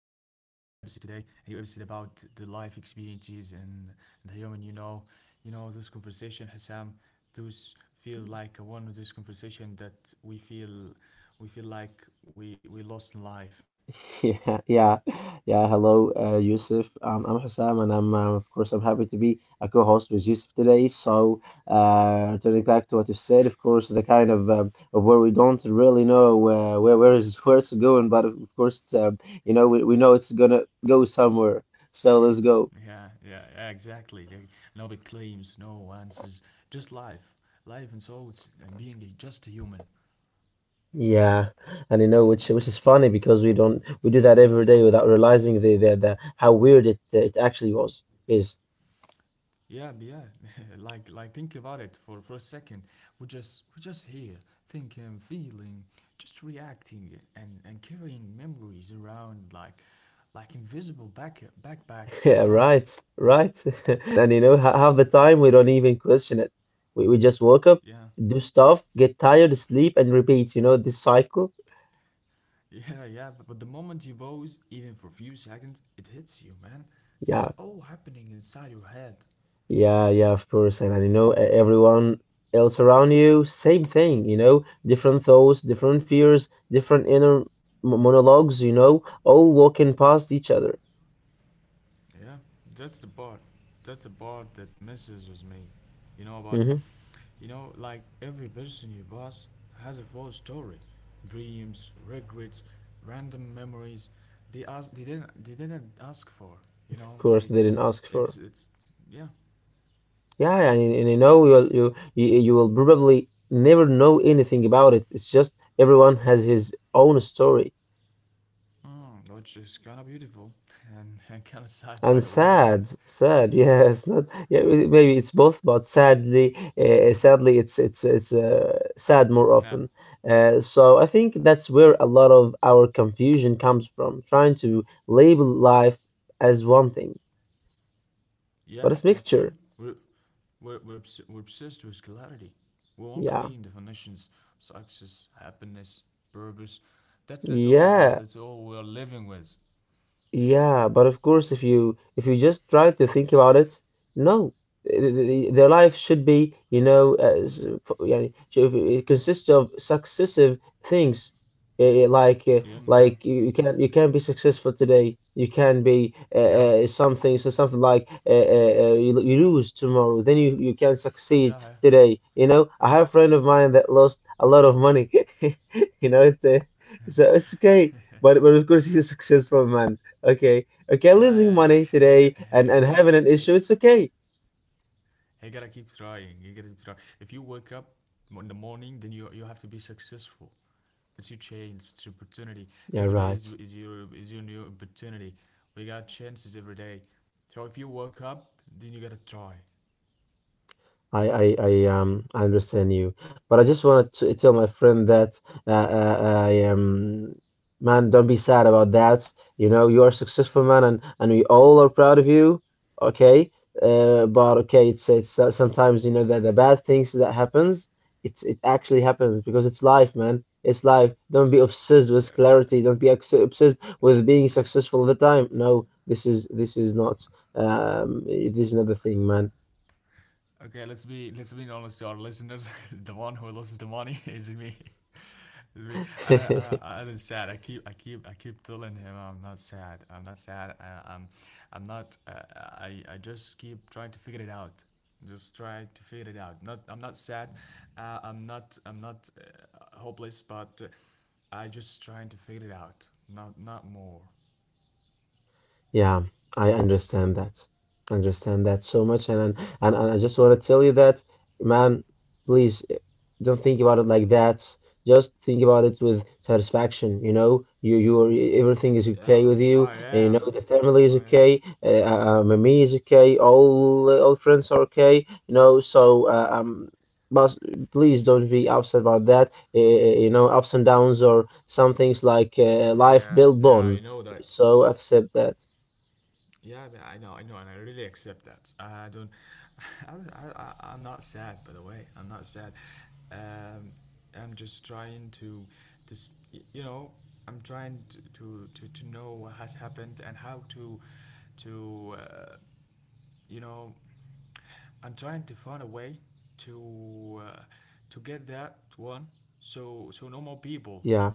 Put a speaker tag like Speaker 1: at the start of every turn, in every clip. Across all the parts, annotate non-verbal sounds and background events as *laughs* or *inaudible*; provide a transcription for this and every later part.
Speaker 1: new episode today, a new episode about the life experiences and the human. You know this conversation, Hassan. Those feels like one of those conversation that we feel like we lost in life.
Speaker 2: *laughs* Yeah, yeah, yeah. Hello, Yusuf. I'm Hussam, and I'm of course I'm happy to be a co-host with Yusuf today. So, turning back to what you said, of course, the kind of where we don't really know where it's going, but of course, we know it's gonna go somewhere. So let's go.
Speaker 1: Yeah, yeah, yeah, exactly. Like, no big claims, no answers, just life and souls, and being a, just a human.
Speaker 2: Yeah, and which is funny because we don't we do that
Speaker 1: Mm,
Speaker 2: every day
Speaker 1: exactly.
Speaker 2: without realizing the how weird it actually was is.
Speaker 1: Yeah, yeah. *laughs* Like think about it for a second. We're just here, thinking, feeling, just reacting and carrying memories around like like invisible backpacks, you
Speaker 2: Yeah,
Speaker 1: know?
Speaker 2: right, right. *laughs* And half the time we don't even question it. We just woke up,
Speaker 1: Yeah. *laughs*
Speaker 2: do stuff, get tired, sleep, and repeat. You know, this cycle.
Speaker 1: Yeah, yeah. But the moment you pause, even for a few seconds, it hits you, man. This is
Speaker 2: Yeah,
Speaker 1: all happening inside your head.
Speaker 2: yeah, yeah. Of course, and everyone else around you, same thing. You know, different thoughts, different fears, different inner monologues. All walking past each other.
Speaker 1: Yeah. That's the part. That's the part that messes with me. You know about it?
Speaker 2: Hmm.
Speaker 1: You know, like every person you boss has a full story, dreams, regrets, random memories. They didn't ask for. You
Speaker 2: Of
Speaker 1: know,
Speaker 2: course,
Speaker 1: they,
Speaker 2: they didn't ask for.
Speaker 1: it's, yeah,
Speaker 2: Yeah, yeah, and you will probably never know anything about it. It's just everyone has his own story.
Speaker 1: mm, which is kind of beautiful, *laughs* and kind of sad, by
Speaker 2: And
Speaker 1: the way.
Speaker 2: sad, sad. *laughs* Yes, not yeah. Maybe it's both, but sadly, it's sad more
Speaker 1: Nah,
Speaker 2: often. So I think that's where a lot of our confusion comes from, trying to label life as one thing,
Speaker 1: yeah,
Speaker 2: but it's
Speaker 1: yeah, true.
Speaker 2: mixture.
Speaker 1: We're, we're obsessed with clarity. We want
Speaker 2: Yeah,
Speaker 1: clean definitions, success, happiness, purpose. That's all about.
Speaker 2: yeah.
Speaker 1: That's all we're living with.
Speaker 2: Yeah, but of course, if you just try to think about it, no, Th- th- their life should be, it consists of successive things, Eh, eh, like uh,
Speaker 1: Yeah, yeah,
Speaker 2: like you can be successful today, you can be
Speaker 1: yeah,
Speaker 2: something like you lose tomorrow, then you can succeed
Speaker 1: yeah, yeah.
Speaker 2: today. I have a friend of mine that lost a lot of money. *laughs* You know, it's so it's okay, but of course he's a successful man. Okay, okay,
Speaker 1: Yeah, yeah,
Speaker 2: losing
Speaker 1: yeah.
Speaker 2: money
Speaker 1: Hey, got-
Speaker 2: today
Speaker 1: hey,
Speaker 2: and
Speaker 1: gotta,
Speaker 2: having an
Speaker 1: hey,
Speaker 2: issue, it's okay.
Speaker 1: hey, gotta keep trying. You gotta keep trying. If you wake up in the morning, then you have to be successful. It's your chance, it's your opportunity.
Speaker 2: Yeah,
Speaker 1: Every day is,
Speaker 2: right.
Speaker 1: is your is your new opportunity. We got chances every day. So if you wake up, then you gotta try.
Speaker 2: I understand you, but I just wanted to tell my friend that I man, don't be sad about that. You know, you are a successful man, and we all are proud of you. Okay, but okay, it's sometimes you know that the bad things that happens, it actually happens because it's life, man. It's life. Don't be
Speaker 1: That's it.
Speaker 2: obsessed with
Speaker 1: Okay,
Speaker 2: clarity. Don't
Speaker 1: okay,
Speaker 2: be obsessed with being
Speaker 1: okay.
Speaker 2: successful all the time. No, this is not the thing, man.
Speaker 1: Okay, let's be honest to our listeners. *laughs* The one who loses the money *laughs* is me. It's me.
Speaker 2: *laughs*
Speaker 1: I don't sad. I keep telling him I'm not sad. I'm not sad. I'm not. I just keep trying to figure it out. Just try to figure it out. Not, I'm not sad. I'm not hopeless. But I just trying to figure it out. Not, not more.
Speaker 2: Yeah, I understand that. Understand that so much, and I just want to tell you that, man, please don't think about it like that. Just think about it with satisfaction. You are, everything is okay
Speaker 1: Yeah,
Speaker 2: with you.
Speaker 1: I
Speaker 2: And
Speaker 1: am.
Speaker 2: the family is
Speaker 1: I am.
Speaker 2: okay. Me is okay. All friends are okay. So but please don't be upset about that. Ups and downs or some things like life
Speaker 1: Yeah,
Speaker 2: build
Speaker 1: yeah. Yeah.
Speaker 2: on.
Speaker 1: You know that.
Speaker 2: So accept that.
Speaker 1: Yeah, I mean, I know, and I really accept that. I don't, *laughs* I'm not sad, by the way. I'm not sad. Um, I'm just trying to, to, s- y- you know, I'm trying to, to know what has happened and how to, to, uh, you know, I'm trying to find a way to, uh, to get that one, so no more people
Speaker 2: Yeah,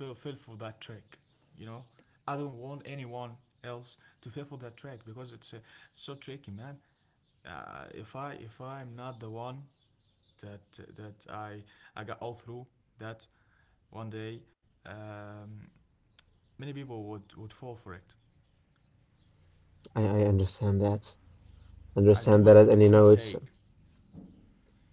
Speaker 1: feel for that track. You know, I don't want anyone else to feel for that track because it's so tricky, man. If I'm not the one that that I got all through that one day, um, many people would fall for it.
Speaker 2: I understand that.
Speaker 1: I do
Speaker 2: Understand
Speaker 1: it
Speaker 2: that,
Speaker 1: for the
Speaker 2: and you
Speaker 1: common
Speaker 2: know it's
Speaker 1: sake.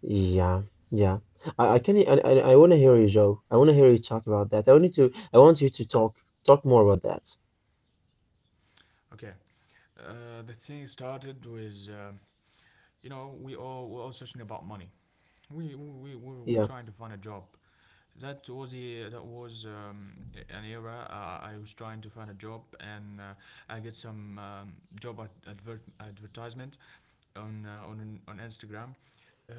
Speaker 2: yeah, yeah. I can I want to hear you, Joe. I want to hear you talk about that. I want you to talk more about that.
Speaker 1: Okay, the thing started with you know we're all searching about money. We were
Speaker 2: Yeah,
Speaker 1: trying to find a job. That was the that was an era. I was trying to find a job, and I get some job advertisement on on Instagram. Uh,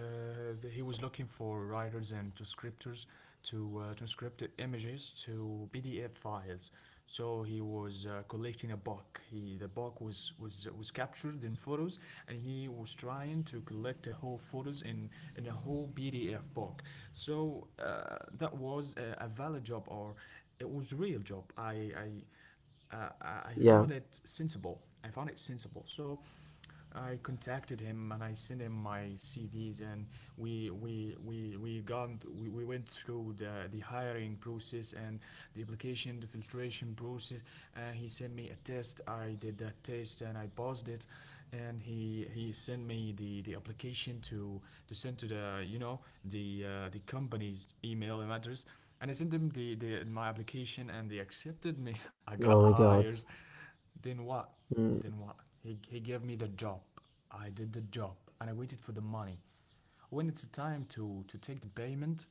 Speaker 1: he was looking for writers and to scriptors to transcript images to PDF files. So he was collecting a book. He the book was captured in photos, and he was trying to collect the whole photos in a whole PDF book. So that was a valid job, or it was a real job. I I I
Speaker 2: yeah.
Speaker 1: found it sensible. I found it sensible. So I contacted him and I sent him my CVs and we gone th- we went through the hiring process and the application the filtration process, and he sent me a test. I did that test and I passed it, and he sent me the application to send to the you know the company's email and address, and I sent them the my application and they accepted me. *laughs* I
Speaker 2: Oh
Speaker 1: got
Speaker 2: my God.
Speaker 1: hired. Then what?
Speaker 2: Mm.
Speaker 1: Then what? He gave me the job. I did the job and I waited for the money. When it's time to take the payment,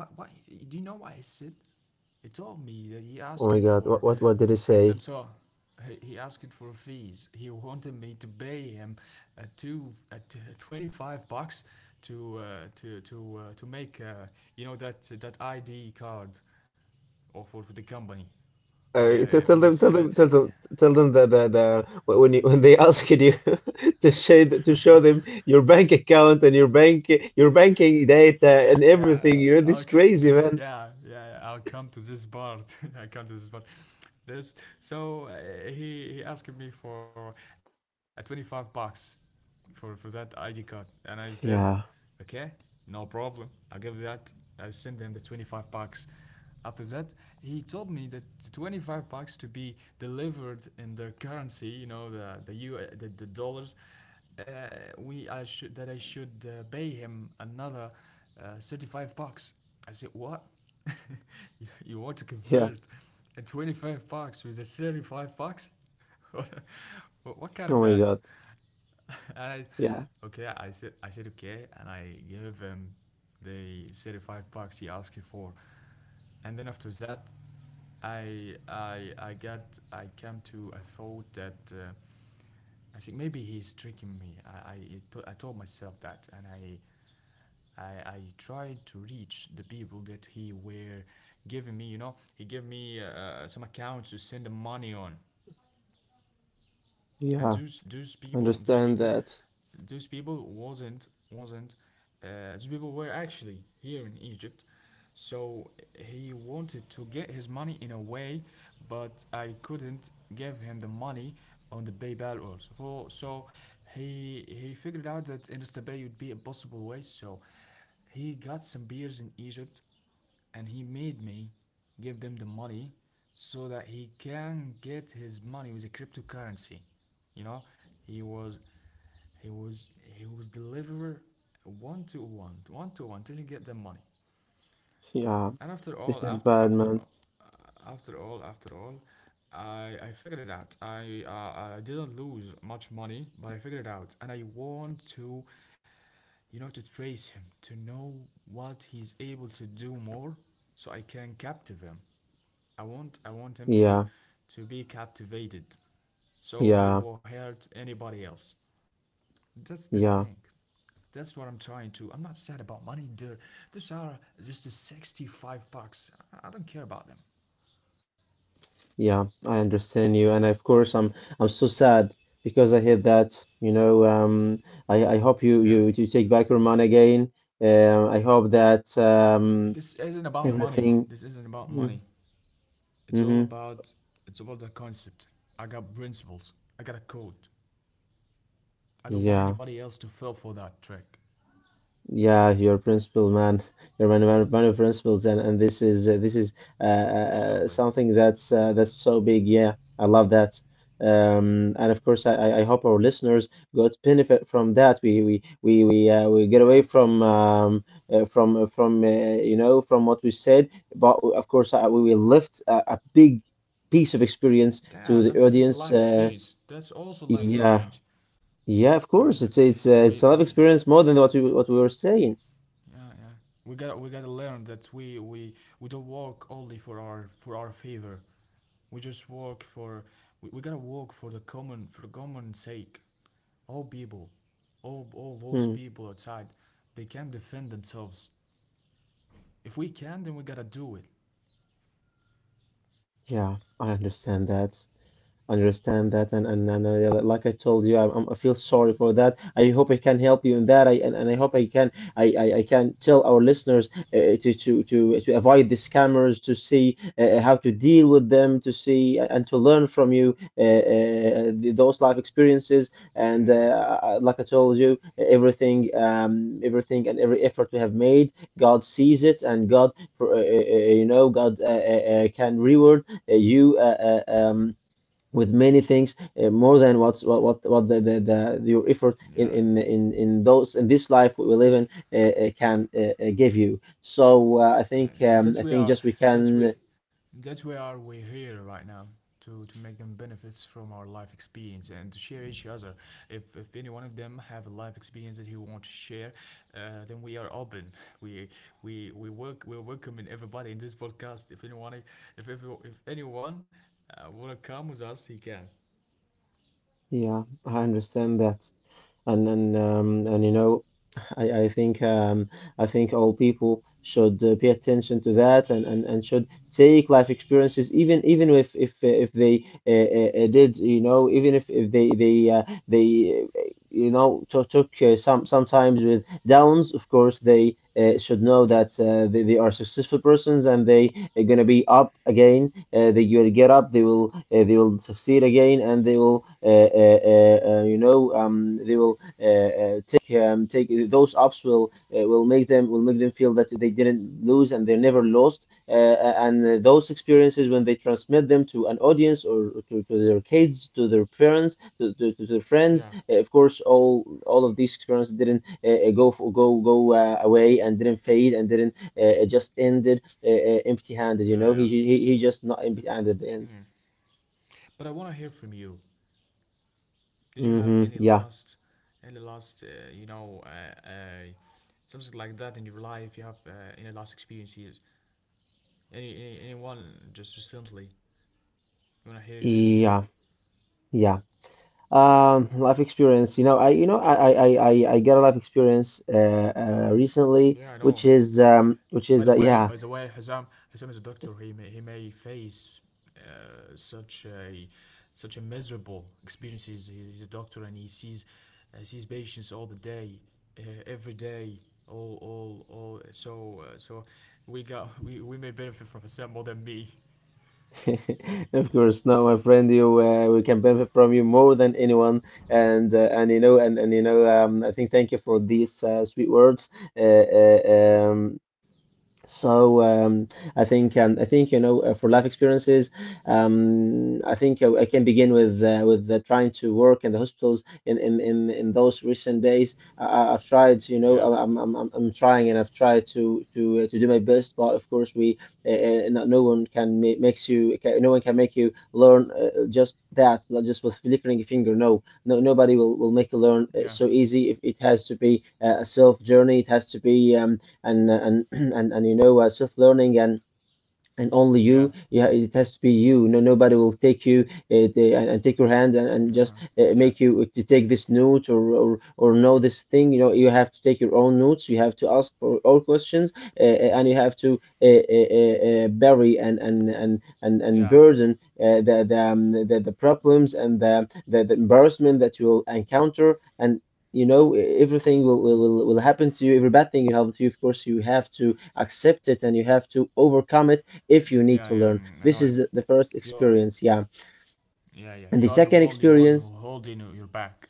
Speaker 1: what, do you know what he said? He told me that he
Speaker 2: Oh my
Speaker 1: asking
Speaker 2: God. What
Speaker 1: for
Speaker 2: what what did he say?
Speaker 1: some sort. He asked for fees. He wanted me to pay him $25 to to make you know that that ID card or for the company.
Speaker 2: Uh, t-
Speaker 1: I
Speaker 2: tell
Speaker 1: he
Speaker 2: them tell
Speaker 1: said
Speaker 2: them tell them tell them that when when they *laughs* asked you *laughs* to show them your bank account and your banking data and everything.
Speaker 1: yeah,
Speaker 2: You're this crazy
Speaker 1: *laughs*
Speaker 2: man.
Speaker 1: yeah, yeah, yeah, I'll come to this part. *laughs* I come to this part. This so he asked me for a $25 for that ID card, and I said
Speaker 2: Yeah,
Speaker 1: okay, no problem. I give that. I send them the $25. After that, he told me that the $25 to be delivered in their currency, you know, the dollars. We I should that I should pay him another $35. I said what? *laughs* You want to
Speaker 2: yeah.
Speaker 1: convert a $25 with a $35? *laughs* What kind
Speaker 2: Oh
Speaker 1: of
Speaker 2: my
Speaker 1: that?
Speaker 2: God.
Speaker 1: *laughs* and I,
Speaker 2: Yeah,
Speaker 1: okay, I said okay, and I gave him the $35 he asked for, and then after that, I got, I came to a thought that I think maybe he's tricking me. I told myself that, and I tried to reach the people that he were giving me. You know, he gave me some accounts to send the money on. And
Speaker 2: yeah,
Speaker 1: those those people those
Speaker 2: understand
Speaker 1: people
Speaker 2: that.
Speaker 1: those people wasn't those people were actually here in Egypt. So he wanted to get his money in a way, but I couldn't give him the money on the PayPal also. For so he figured out that InstaPay would be a possible way. So he got some beers in Egypt, and he made me give them the money so that he can get his money with a cryptocurrency, you know. He was he was he was deliverer, one to one till he get the money.
Speaker 2: Yeah,
Speaker 1: and after
Speaker 2: this
Speaker 1: all
Speaker 2: is
Speaker 1: after
Speaker 2: bad,
Speaker 1: after
Speaker 2: man.
Speaker 1: uh, after all after all, I figured it out. I didn't lose much money, but I figured it out, and I want to, you know, to trace him to know what he's able to do more, so I can captive him. I want him
Speaker 2: Yeah,
Speaker 1: to be captivated, so he
Speaker 2: yeah,
Speaker 1: will hurt anybody else. That's the
Speaker 2: yeah,
Speaker 1: thing. That's what I'm trying to. I'm not sad about money. These are just the $65. I don't care about them.
Speaker 2: yeah. I understand you, and of course, I'm so sad because I heard that. I hope you
Speaker 1: Yeah.
Speaker 2: you you take back your money again. I hope that
Speaker 1: This isn't about money.
Speaker 2: everything.
Speaker 1: This isn't about
Speaker 2: Mm-hmm.
Speaker 1: money. It's all
Speaker 2: Mm-hmm,
Speaker 1: about it's about the concept. I got principles. I got a code. I don't want
Speaker 2: yeah.
Speaker 1: anybody else to fall for that trick.
Speaker 2: Yeah, your principle, man. *laughs* You're one of principles, and this is uh, uh,
Speaker 1: Absolutely.
Speaker 2: something that's so big. Yeah, I love that. And of course, I hope our listeners got benefit from that. We get
Speaker 1: Yeah.
Speaker 2: away from uh, from uh, from uh, from what we said, but of course, we will lift a big piece of experience to
Speaker 1: Yeah,
Speaker 2: the
Speaker 1: that's a
Speaker 2: audience.
Speaker 1: life experience. That's also life
Speaker 2: Yeah,
Speaker 1: experience.
Speaker 2: yeah, of
Speaker 1: Yeah,
Speaker 2: course,
Speaker 1: yeah,
Speaker 2: it's it's uh,
Speaker 1: we
Speaker 2: it's a life
Speaker 1: we
Speaker 2: experience more than what we were saying.
Speaker 1: yeah, yeah, we got to learn that we don't work only for our favor. We just work for we gotta work for the common sake. All people, all those
Speaker 2: Hmm.
Speaker 1: people outside, they can defend themselves. If we can, then we gotta do it.
Speaker 2: Yeah, I understand that. Understand that, and yeah, like I told you I feel sorry for that. I hope I can help you in that. And I hope I can tell our listeners to avoid the scammers to see how to deal with them, and to learn from you those life experiences and
Speaker 1: Yeah.
Speaker 2: like I told you everything and every effort we have made, God sees it, and God for, you know God can reward you with many things, more than what's what the your effort in
Speaker 1: Yeah,
Speaker 2: in
Speaker 1: yeah.
Speaker 2: in in those in this life we live in can give you. So i
Speaker 1: Yeah,
Speaker 2: think um,
Speaker 1: and
Speaker 2: i
Speaker 1: that's
Speaker 2: think
Speaker 1: where
Speaker 2: just
Speaker 1: our,
Speaker 2: we can.
Speaker 1: that's we that's where are we here right now to make them benefits from our life experience and to share each other. If any one of them have a life experience that he want to share, then we are open. *laughs* We we work we're welcoming everybody in this podcast. If anyone if every, if anyone wanna come with us, he can.
Speaker 2: Yeah, I understand that, and you know I, I think um, I think all people should pay attention to that, and should take life experiences, even if they did. Even if they took sometimes with downs, of course they should know
Speaker 1: Yeah,
Speaker 2: that they are successful persons, and they are gonna be up again. They will get up, they will succeed again, and they will you know they will take those ups. Will will make them feel that they didn't lose and they never lost, and those experiences, when they transmit them to an audience, or to their kids, to their parents, to their friends,
Speaker 1: yeah,
Speaker 2: of course all of these experiences didn't go away, and didn't fade, and didn't just ended empty-handed.
Speaker 1: yeah,
Speaker 2: He
Speaker 1: yeah,
Speaker 2: he he just not empty-handed at the end.
Speaker 1: yeah. But I wanna hear from you. Did you have
Speaker 2: Hmm. Yeah,
Speaker 1: any last, something like that in your life? You have any last experiences? Any anyone just recently? I wanna hear it from you.
Speaker 2: yeah, yeah. Life experience. You know I got a life experience recently,
Speaker 1: Yeah, I
Speaker 2: which
Speaker 1: know.
Speaker 2: is
Speaker 1: By the way,
Speaker 2: yeah.
Speaker 1: Hazam, Hazam is a doctor. He may face such a such a miserable experiences. He's a doctor and he sees sees patients all the day, every day, all all. So we got we may benefit from Hazam more than me.
Speaker 2: *laughs* Of course, no, my friend, you we can benefit from you more than anyone, and I think thank you for these sweet words. Uh, uh, um, so I think for life experiences, I think I can begin with trying to work in the hospitals in those recent days. I've tried,
Speaker 1: Yeah,
Speaker 2: I'm trying, and I've tried to do my best, but of course we no, no one can ma- makes you ca- no one can make you learn just that, like just with flickering a finger. No, no nobody will make you learn
Speaker 1: yeah,
Speaker 2: so easy. If it has to be a self journey, it has to be. And *clears throat* and self learning, and only
Speaker 1: yeah,
Speaker 2: you, yeah, it has to be you, no, nobody will take you and take your hand, and
Speaker 1: yeah,
Speaker 2: just
Speaker 1: yeah,
Speaker 2: make you to take this note, or know this thing. You know, you have to take your own notes, you have to ask for all questions, and you have to bury, and
Speaker 1: yeah,
Speaker 2: burden the problems, and the embarrassment that you will encounter, and everything will, will
Speaker 1: mm,
Speaker 2: will will happen to you. Every bad thing will happen to you, of course you have to accept it, and you have to overcome it if you
Speaker 1: mm,
Speaker 2: need
Speaker 1: yeah,
Speaker 2: to
Speaker 1: yeah.
Speaker 2: learn.
Speaker 1: Mm, I
Speaker 2: This
Speaker 1: know you.
Speaker 2: is the first
Speaker 1: You're
Speaker 2: experience, yeah.
Speaker 1: yeah, yeah.
Speaker 2: And the
Speaker 1: You are the
Speaker 2: second
Speaker 1: only one who
Speaker 2: experience,
Speaker 1: holding your back.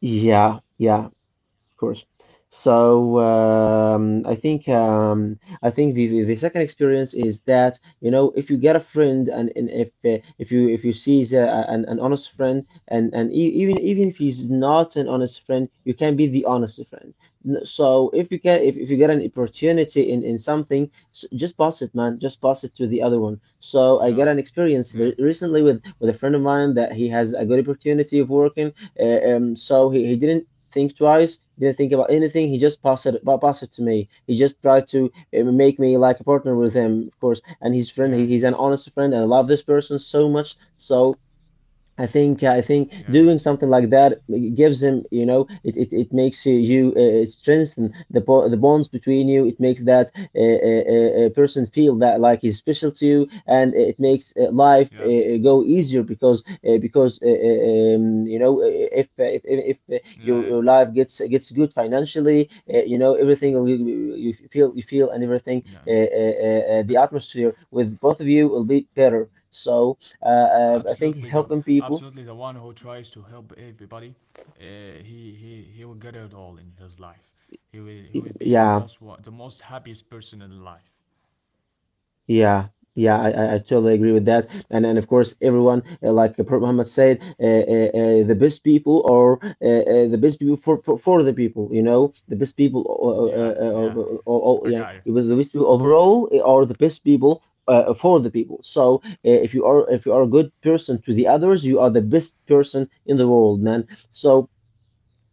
Speaker 2: yeah, yeah. Of course. So I think the second experience is that you know if you get a friend , and if you see an honest friend and even if he's not an honest friend, you can be the honest friend. So if you can if you get an opportunity in something, s just pass it, man, just pass it to the other one. So I got
Speaker 1: Yeah,
Speaker 2: an experience re-
Speaker 1: yeah,
Speaker 2: recently with a friend of mine that he has a good opportunity of working, so he didn't think twice, didn't think about anything. He just passed it to me. He just tried to make me like a partner with him, of course. And his friend. He,
Speaker 1: yeah,
Speaker 2: he's an honest friend, and I love this person so much. So I think
Speaker 1: yeah.
Speaker 2: doing something like that gives him, you know, it makes you strengthen the bonds between you. It makes that person feel that like he's special to you, and it makes life
Speaker 1: Yeah,
Speaker 2: go easier because um, you know uh, if your,
Speaker 1: yeah,
Speaker 2: your life gets good financially, you know, everything you feel, and everything,
Speaker 1: yeah.
Speaker 2: the
Speaker 1: If
Speaker 2: atmosphere with both of you will be better. So. I think
Speaker 1: absolutely the
Speaker 2: helping people.
Speaker 1: absolutely the one who tries to help everybody, uh, he will get it all in his life. He will be the
Speaker 2: Yeah,
Speaker 1: most wa- the most happiest person in life.
Speaker 2: yeah, yeah. I totally agree with that. And of course, everyone, like Prophet Muhammad said, the best people are the best people for, for the people. You know, the best people,
Speaker 1: Yeah, yeah,
Speaker 2: all,
Speaker 1: I
Speaker 2: yeah,
Speaker 1: got you.
Speaker 2: it was the best people overall are the best people. For the people. So if you are a good person to the others, you are the best person in the world, man. So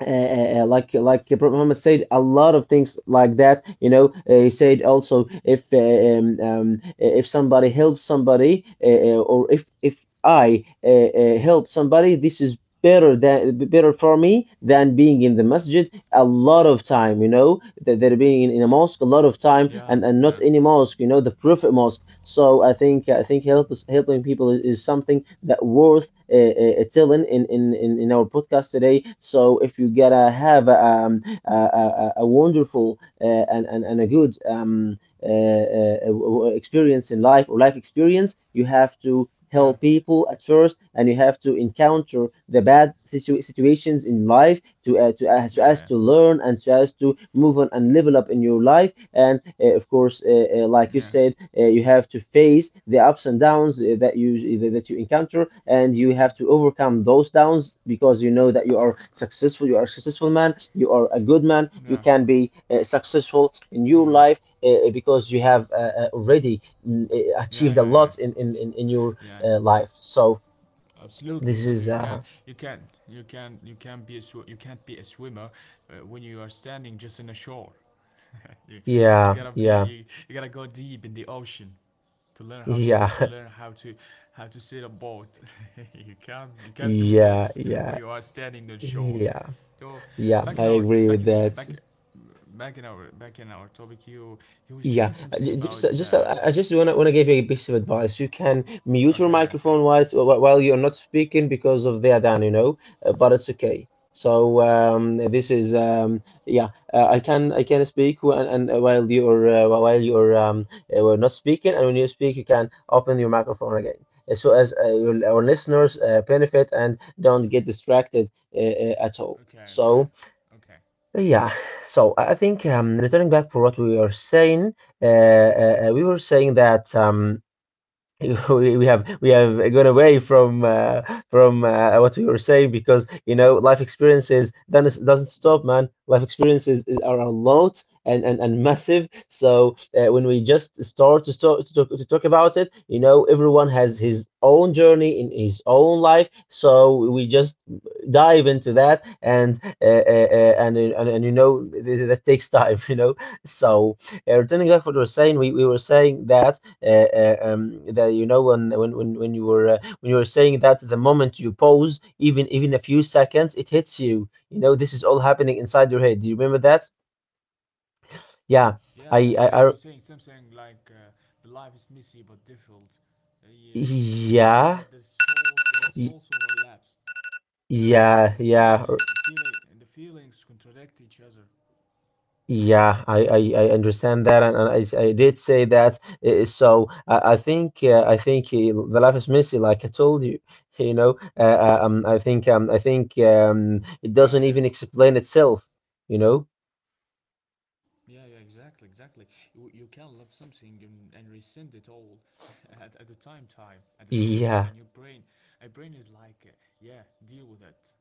Speaker 2: uh, uh, uh, like Prophet Muhammad said a lot of things like that. You know, he said also, if somebody helps somebody, or if I help somebody, this is better for me than being in the masjid a lot of time. You know, that they're being in a mosque a lot of time
Speaker 1: Yeah,
Speaker 2: , and
Speaker 1: yeah,
Speaker 2: not any mosque, you know, the Prophet Mosque. So I think helping people is something that worth telling in our podcast today. So if you gotta have a wonderful, and a good, experience in life, or life experience, you have to
Speaker 1: yeah,
Speaker 2: help people at first, and you have to encounter the bad situations in life, to so
Speaker 1: yeah,
Speaker 2: as
Speaker 1: yeah,
Speaker 2: to learn and so as to move on and level up in your life, and of course, like you
Speaker 1: yeah,
Speaker 2: said, you have to face the ups and downs that you encounter, and you have
Speaker 1: mm,
Speaker 2: to overcome those downs, because you know that you are successful, you are a successful man, you are a good man, you
Speaker 1: yeah,
Speaker 2: can be successful in your
Speaker 1: mm,
Speaker 2: life, because you have already
Speaker 1: yeah,
Speaker 2: achieved a
Speaker 1: yeah, yeah,
Speaker 2: lot in your
Speaker 1: yeah.
Speaker 2: life. So
Speaker 1: Absolutely,
Speaker 2: this
Speaker 1: absolutely.
Speaker 2: is
Speaker 1: You can't be a sw- you can't be a swimmer when you are standing just on a shore. You, you
Speaker 2: Yeah,
Speaker 1: gotta be
Speaker 2: yeah,
Speaker 1: you, you gotta go deep in the ocean to learn how to
Speaker 2: yeah,
Speaker 1: swim, to
Speaker 2: *laughs*
Speaker 1: learn how to sail a boat. *laughs* You can't do
Speaker 2: yeah,
Speaker 1: this when
Speaker 2: yeah,
Speaker 1: you are standing on shore.
Speaker 2: yeah,
Speaker 1: So
Speaker 2: yeah.
Speaker 1: back in
Speaker 2: I
Speaker 1: our
Speaker 2: agree
Speaker 1: back
Speaker 2: with
Speaker 1: in
Speaker 2: that.
Speaker 1: back back in our topic, you were
Speaker 2: Yeah,
Speaker 1: saying something
Speaker 2: j-
Speaker 1: about
Speaker 2: just I just wanna give you a piece of advice. You can mute your
Speaker 1: okay,
Speaker 2: microphone
Speaker 1: okay,
Speaker 2: while while you're not speaking, because of the Adhan, you know, but it's okay. So this is yeah, I can speak wh- and while you're wh- while you're we're not speaking, and when you speak, you can open your microphone again, so as our
Speaker 1: okay,
Speaker 2: listeners benefit and don't get distracted uh, at all.
Speaker 1: okay, okay,
Speaker 2: So.
Speaker 1: okay,
Speaker 2: Yeah, so I think, returning back for what we were saying that, *laughs* we have gone away from, what we were saying, because you know life experiences then, it doesn't stop, man. Life experiences are a lot , and massive, so when we just start to talk about it, you know everyone has his own journey in his own life, so we just dive into that , and that takes time. *laughs* You know, so returning back to what we were saying, we were saying that, that you know, when you were saying that the moment you pause, even a few seconds, it hits you, you know, this is all happening inside your head. Do you remember that? Yeah
Speaker 1: yeah, yeah, yeah, and
Speaker 2: I
Speaker 1: you were saying something like the life is messy but difficult. Yeah, you tell me
Speaker 2: yeah
Speaker 1: that the soul the
Speaker 2: y-
Speaker 1: souls overlaps,
Speaker 2: yeah
Speaker 1: and
Speaker 2: yeah or-
Speaker 1: the feelings contradict each other.
Speaker 2: yeah I understand that, and I did say that. So I think the life is messy, like I told you. *laughs* you know I think it
Speaker 1: Yeah,
Speaker 2: doesn't
Speaker 1: yeah,
Speaker 2: even explain itself, you know.
Speaker 1: yeah, yeah. Exactly, exactly. You can love something and rescind it all *laughs* at the same time,
Speaker 2: Yeah,
Speaker 1: and your brain, a brain is like, yeah, deal with it.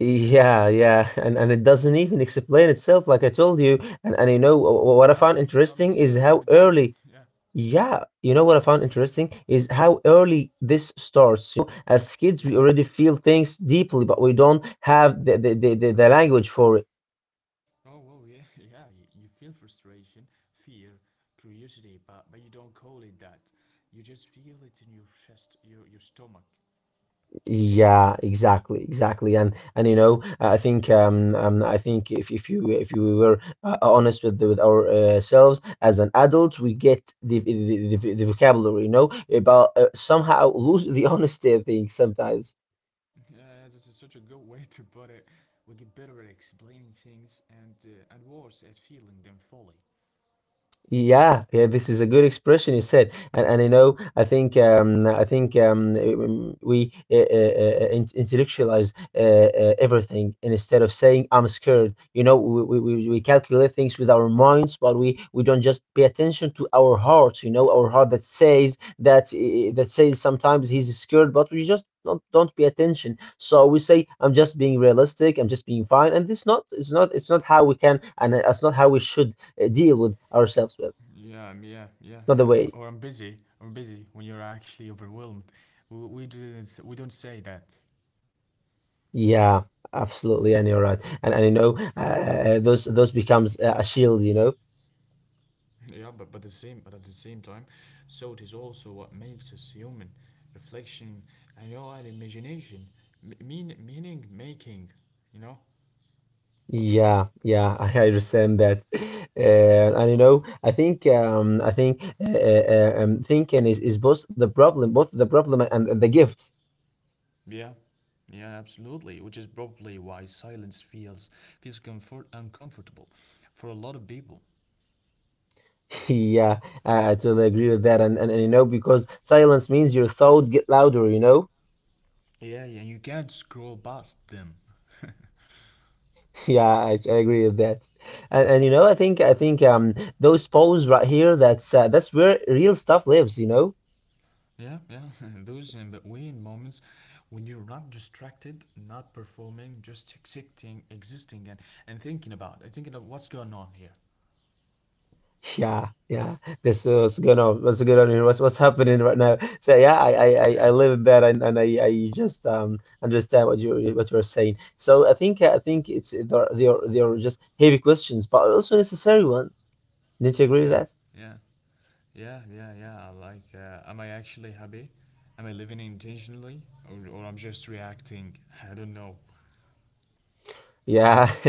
Speaker 2: yeah, yeah, and it doesn't even explain itself, like I told you. And you know, what I
Speaker 1: No,
Speaker 2: found
Speaker 1: no,
Speaker 2: interesting is
Speaker 1: zero
Speaker 2: how
Speaker 1: documentation.
Speaker 2: early.
Speaker 1: *laughs* Yeah,
Speaker 2: Yeah, you know what I found interesting is how early this starts. You know, as kids, we
Speaker 1: yeah, yeah.
Speaker 2: already feel things deeply, but we don't have the language for it.
Speaker 1: Oh well, yeah, *laughs* yeah. You feel frustration, fear, curiosity, but you don't call it that. You just feel it in your chest, your stomach.
Speaker 2: Yeah, exactly, exactly, and you know, I think, if you were honest with ourselves as an adult, we get the vocabulary, you know, about somehow lose the *laughs* honesty, I think, sometimes.
Speaker 1: Yeah, that is such a good way to put it. We get better at explaining things and worse at feeling them fully.
Speaker 2: Yeah, yeah, this is a good expression you said, and you know, I think we intellectualize everything, and instead of saying I'm scared, you know, we calculate things with our minds, but we don't just pay attention to our hearts, you know, our heart that says that that says sometimes he's scared, but we just don't pay attention. So we say I'm just being realistic, I'm just being fine, and this not it's not how we can, and it's not how we should deal with ourselves with.
Speaker 1: Yeah, yeah,
Speaker 2: It's not
Speaker 1: yeah,
Speaker 2: the
Speaker 1: yeah.
Speaker 2: way.
Speaker 1: *laughs* Or I'm busy. I'm busy when you're actually overwhelmed. We didn't. We don't say that.
Speaker 2: Yeah, absolutely, and you're right. And you know, those becomes a shield, you know.
Speaker 1: Yeah, but the same. But at the same time, so it is also what makes us human. Reflection and your own imagination, meaning making. You know.
Speaker 2: Yeah, yeah, I understand that. And you know, I think thinking is both the problem , and the gift.
Speaker 1: Yeah, yeah, absolutely. Which is probably why silence feels comfort uncomfortable for a lot of people.
Speaker 2: *laughs* Yeah, I totally agree with that. And you know, because silence means your thought get louder, you know.
Speaker 1: Yeah, yeah, you can't scroll past them.
Speaker 2: Yeah, I agree with that. And you know, I think those poems right here, that's where real stuff lives, you know? *laughs*
Speaker 1: Yeah, yeah, *laughs* those in between moments when you're not distracted, not performing, just existing, and thinking of what's going on here.
Speaker 2: Yeah, yeah. This is what's going on. What's going on here? What's happening right now? So yeah, I
Speaker 1: Yeah,
Speaker 2: live in that , and I just understand what you're saying. So I think it's they're just heavy questions, but also necessary one. Don't you agree
Speaker 1: yeah,
Speaker 2: with that?
Speaker 1: yeah, yeah, yeah, yeah. I, like, am I actually happy? Am I living intentionally, or I'm just reacting? *laughs* I don't know.
Speaker 2: Yeah, *laughs*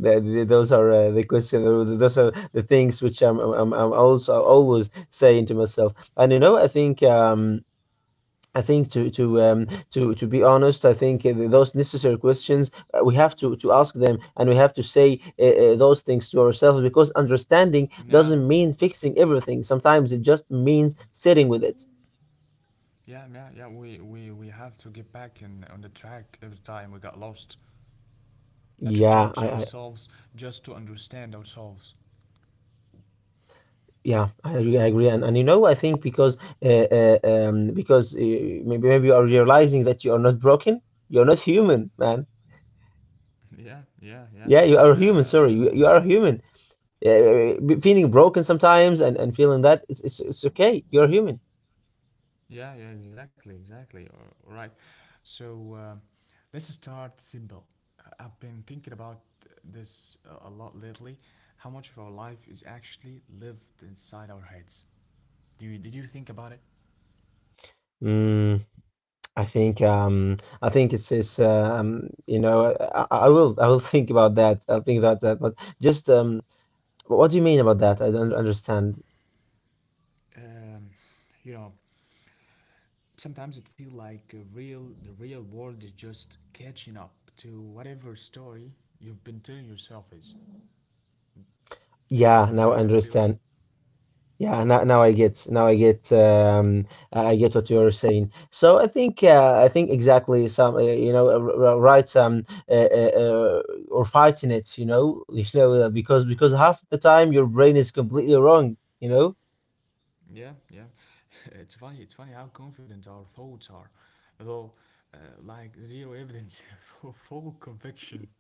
Speaker 2: those are the question. Those are the things which I'm also always saying to myself. And you know, I think to to be honest, I think those necessary questions, we have to ask them, and we have to say those things to ourselves, because understanding
Speaker 1: Yeah,
Speaker 2: doesn't mean fixing everything. Sometimes it just means sitting with it.
Speaker 1: yeah, yeah, yeah. We have to get back on the track every time we got lost. Not to
Speaker 2: Yeah,
Speaker 1: judge
Speaker 2: I I
Speaker 1: ourselves, just to understand ourselves. *laughs*
Speaker 2: Yeah, I agree. I agree, and you know, I think, because maybe you are realizing that you are not broken, you are not human, man.
Speaker 1: Yeah, yeah, yeah.
Speaker 2: Yeah, you are human. Sorry, you,
Speaker 1: Um,
Speaker 2: you are human. Feeling broken sometimes , and feeling that it's okay. You're human.
Speaker 1: yeah, yeah, exactly, exactly. Right. So let's start simple. I have been thinking about this a lot lately. How much of our life is actually lived inside our heads? Did you think about it?
Speaker 2: Mm, I think it's I will think about that. I'll think about that. But just what do you mean about that? I don't understand.
Speaker 1: Um, you know, sometimes it feels like a real the real world is just catching up to whatever story you've been telling yourself is. you know
Speaker 2: Yeah,
Speaker 1: you
Speaker 2: now
Speaker 1: know
Speaker 2: I
Speaker 1: that feel?
Speaker 2: understand. Yeah, now I get what you're saying. So I think exactly some, right, or fighting it. *laughs* Because half the time your brain is completely wrong.
Speaker 1: Yeah, yeah. *laughs* It's funny how confident our thoughts are though. uh, like zero evidence *laughs* for full conviction.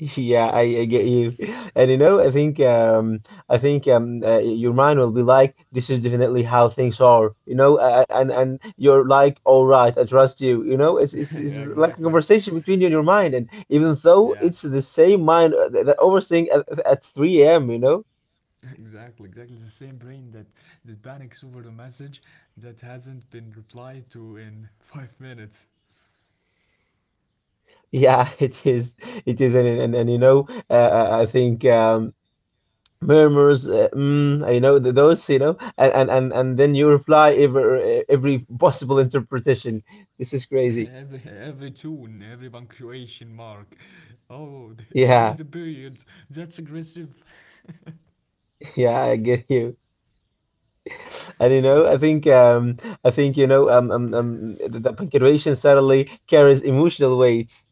Speaker 2: Yeah, I get you. *laughs* And I think, your mind will be like, this is definitely how things are, and you're like, all right, I trust you, it's
Speaker 1: *laughs*
Speaker 2: like a
Speaker 1: Exactly,
Speaker 2: conversation between you and your mind, and even though
Speaker 1: yeah,
Speaker 2: it's the same mind, that overthink at 3 a.m..
Speaker 1: exactly, the same brain that panics over the message that hasn't been replied to in 5 minutes.
Speaker 2: Yeah, *laughs* it is. It is, and I think, Murmurs, I know those, and then you reply every possible interpretation. This is
Speaker 1: *laughs*
Speaker 2: crazy.
Speaker 1: Every tune, every punctuation mark. Oh, *laughs* they
Speaker 2: Yeah,
Speaker 1: use the period. That's aggressive. *laughs*
Speaker 2: *laughs* yeah, I get you. *laughs* And I think, the punctuation suddenly carries emotional weight.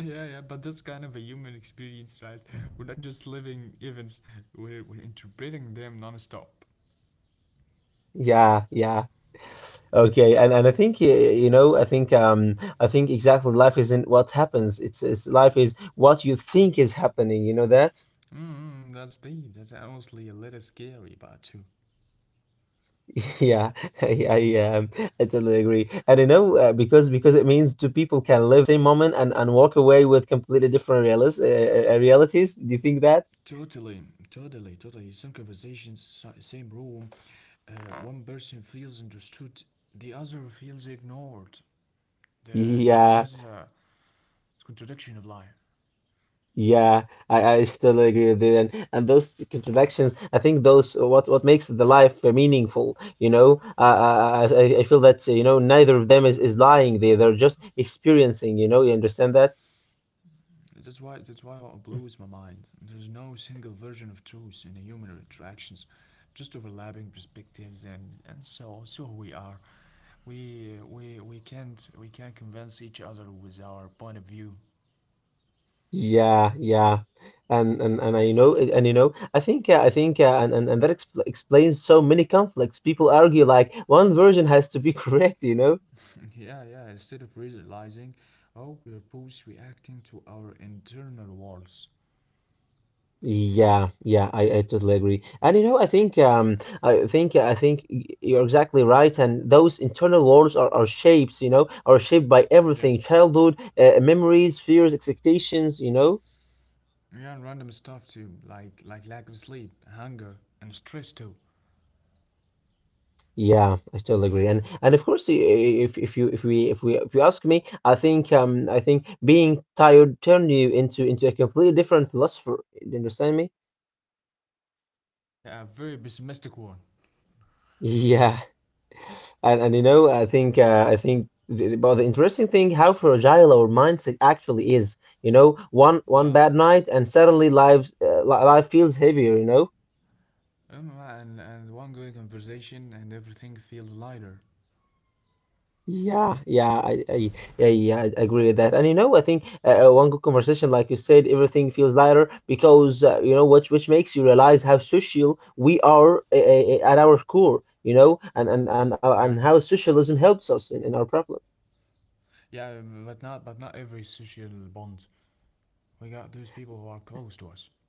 Speaker 1: Yeah, yeah, but that's kind of a human experience, right? We're not just living events, we're interpreting them non-stop.
Speaker 2: Yeah, yeah. Okay, and I think y- you know, I think exactly life isn't what happens. It's life is what you think is happening. You know that?
Speaker 1: Mm, that's deep. That's honestly a little scary, but too.
Speaker 2: Yeah, *laughs* I, I, um, I totally agree. And because it means two people can live same moment and walk away with completely different realis realities. Do you think that?
Speaker 1: Totally, totally, totally. Some conversations, same room. One person feels understood, the other feels ignored. The,
Speaker 2: Yeah,
Speaker 1: that's a contradiction of life.
Speaker 2: yeah, I *laughs* totally agree with you. And those contradictions, I think those, what makes the life, meaningful. You know, I feel that, neither of them is lying. They're just experiencing. You know, you understand that?
Speaker 1: That's why what blows my mind. There's no single version of truth in human interactions, just overlapping perspectives and so we are. We can't convince each other with our point of view.
Speaker 2: Yeah, yeah, and I know, I think and that explains so many conflicts. People argue like one version has to be *laughs* correct, you know?
Speaker 1: *laughs* Yeah, yeah. Instead of realizing, oh, we're both reacting to our internal walls.
Speaker 2: Yeah, yeah, I totally agree. And I think you're exactly right. And those internal wars are shapes, you know, are shaped by
Speaker 1: Yeah.
Speaker 2: everything: childhood, memories, fears, expectations, you know.
Speaker 1: Yeah, random stuff too, like lack of sleep, hunger, and stress too.
Speaker 2: Yeah, I totally agree, and of course, I- if you if we if we if you ask me, I think being tired turned you into a completely different philosopher. You understand me?
Speaker 1: A very pessimistic one.
Speaker 2: Yeah, and I think but the interesting thing how fragile our mindset actually is. You know, one
Speaker 1: Yeah.
Speaker 2: bad night and suddenly life feels heavier.
Speaker 1: And one good conversation and everything feels lighter.
Speaker 2: Yeah, yeah, yeah, yeah, I agree with that. And I think one good conversation, like you said, everything feels lighter, which makes you realize how social we are, at our core, and how
Speaker 1: Yeah.
Speaker 2: socialism helps us in our problems.
Speaker 1: Yeah, but not every social bond. We got those people who are close to us.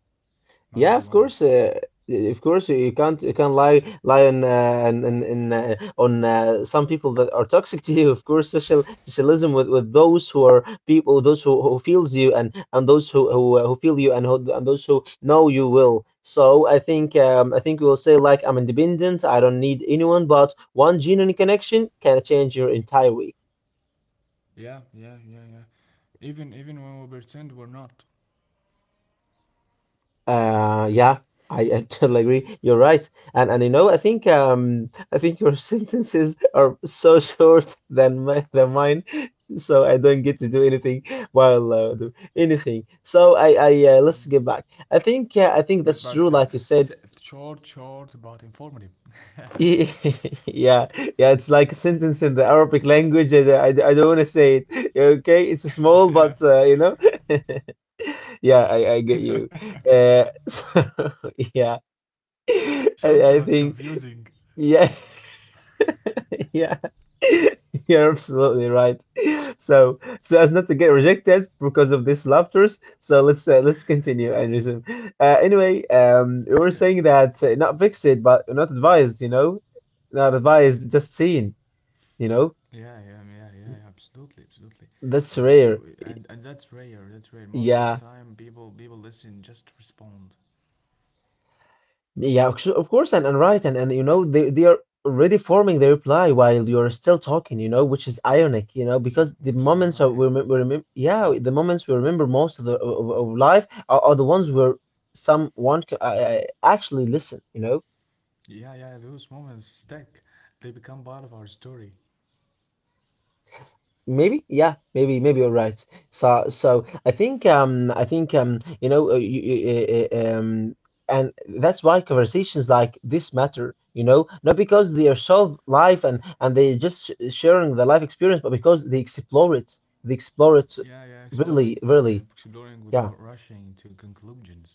Speaker 1: Not
Speaker 2: Yeah,
Speaker 1: everyone.
Speaker 2: of course, you can't lie on some people that are toxic *laughs* to you. Of course, socialism with those who are people, those who feels you, and those who feel you, and who, and those who know you will. So I think we will say, like, I'm independent. I don't need anyone, but one genuine connection can change your entire week.
Speaker 1: Yeah, yeah, yeah, yeah. Even when we pretend we're not.
Speaker 2: Yeah, I *laughs* totally agree. You're right, and I think your *laughs* sentences are so short than mine, so I don't get to do anything while, do anything. So I
Speaker 1: Mm.
Speaker 2: let's get back. I think Yeah, I think
Speaker 1: But
Speaker 2: that's
Speaker 1: but
Speaker 2: true.
Speaker 1: uh,
Speaker 2: Like you said,
Speaker 1: short, short, but informative.
Speaker 2: *laughs* yeah, yeah, it's like a sentence in the Arabic language, and I don't want to say it. *laughs* Okay, it's
Speaker 1: *laughs*
Speaker 2: small,
Speaker 1: Yeah.
Speaker 2: but,
Speaker 1: *laughs*
Speaker 2: *laughs* yeah, I get you. *laughs* So *laughs* yeah. I,
Speaker 1: Short
Speaker 2: I
Speaker 1: but
Speaker 2: think,
Speaker 1: confusing.
Speaker 2: yeah, *laughs* yeah, *laughs* you're absolutely right. *laughs* So, as not to get rejected because of this laughters. So let's continue and resume. Anyway, we were
Speaker 1: *laughs*
Speaker 2: saying that, not fix it, but not advised. You know, not advised, just seen. You know,
Speaker 1: Yeah, yeah, yeah, yeah, yeah, absolutely, absolutely.
Speaker 2: that's rare.
Speaker 1: Uh, and that's rare. That's rare. Most of the
Speaker 2: Yeah,
Speaker 1: time, people listen just respond.
Speaker 2: yeah, of course, and right, and they are already forming the reply while you're still talking, which is ironic,
Speaker 1: Yeah,
Speaker 2: because the
Speaker 1: which is
Speaker 2: moments of
Speaker 1: ironic.
Speaker 2: we remember,
Speaker 1: Yeah.
Speaker 2: yeah, the moments we remember most of the of life are the ones where someone actually listen, you know.
Speaker 1: Yeah, yeah, those moments stick. They become part of our story.
Speaker 2: Maybe, yeah, maybe you're right. So, and that's why conversations like this matter, you know, not because they are so live and they just sh sharing the life experience, but because they explore it,
Speaker 1: Yeah, yeah, exploring.
Speaker 2: really,
Speaker 1: *laughs*
Speaker 2: really,
Speaker 1: exploring Without
Speaker 2: yeah.
Speaker 1: rushing to conclusions.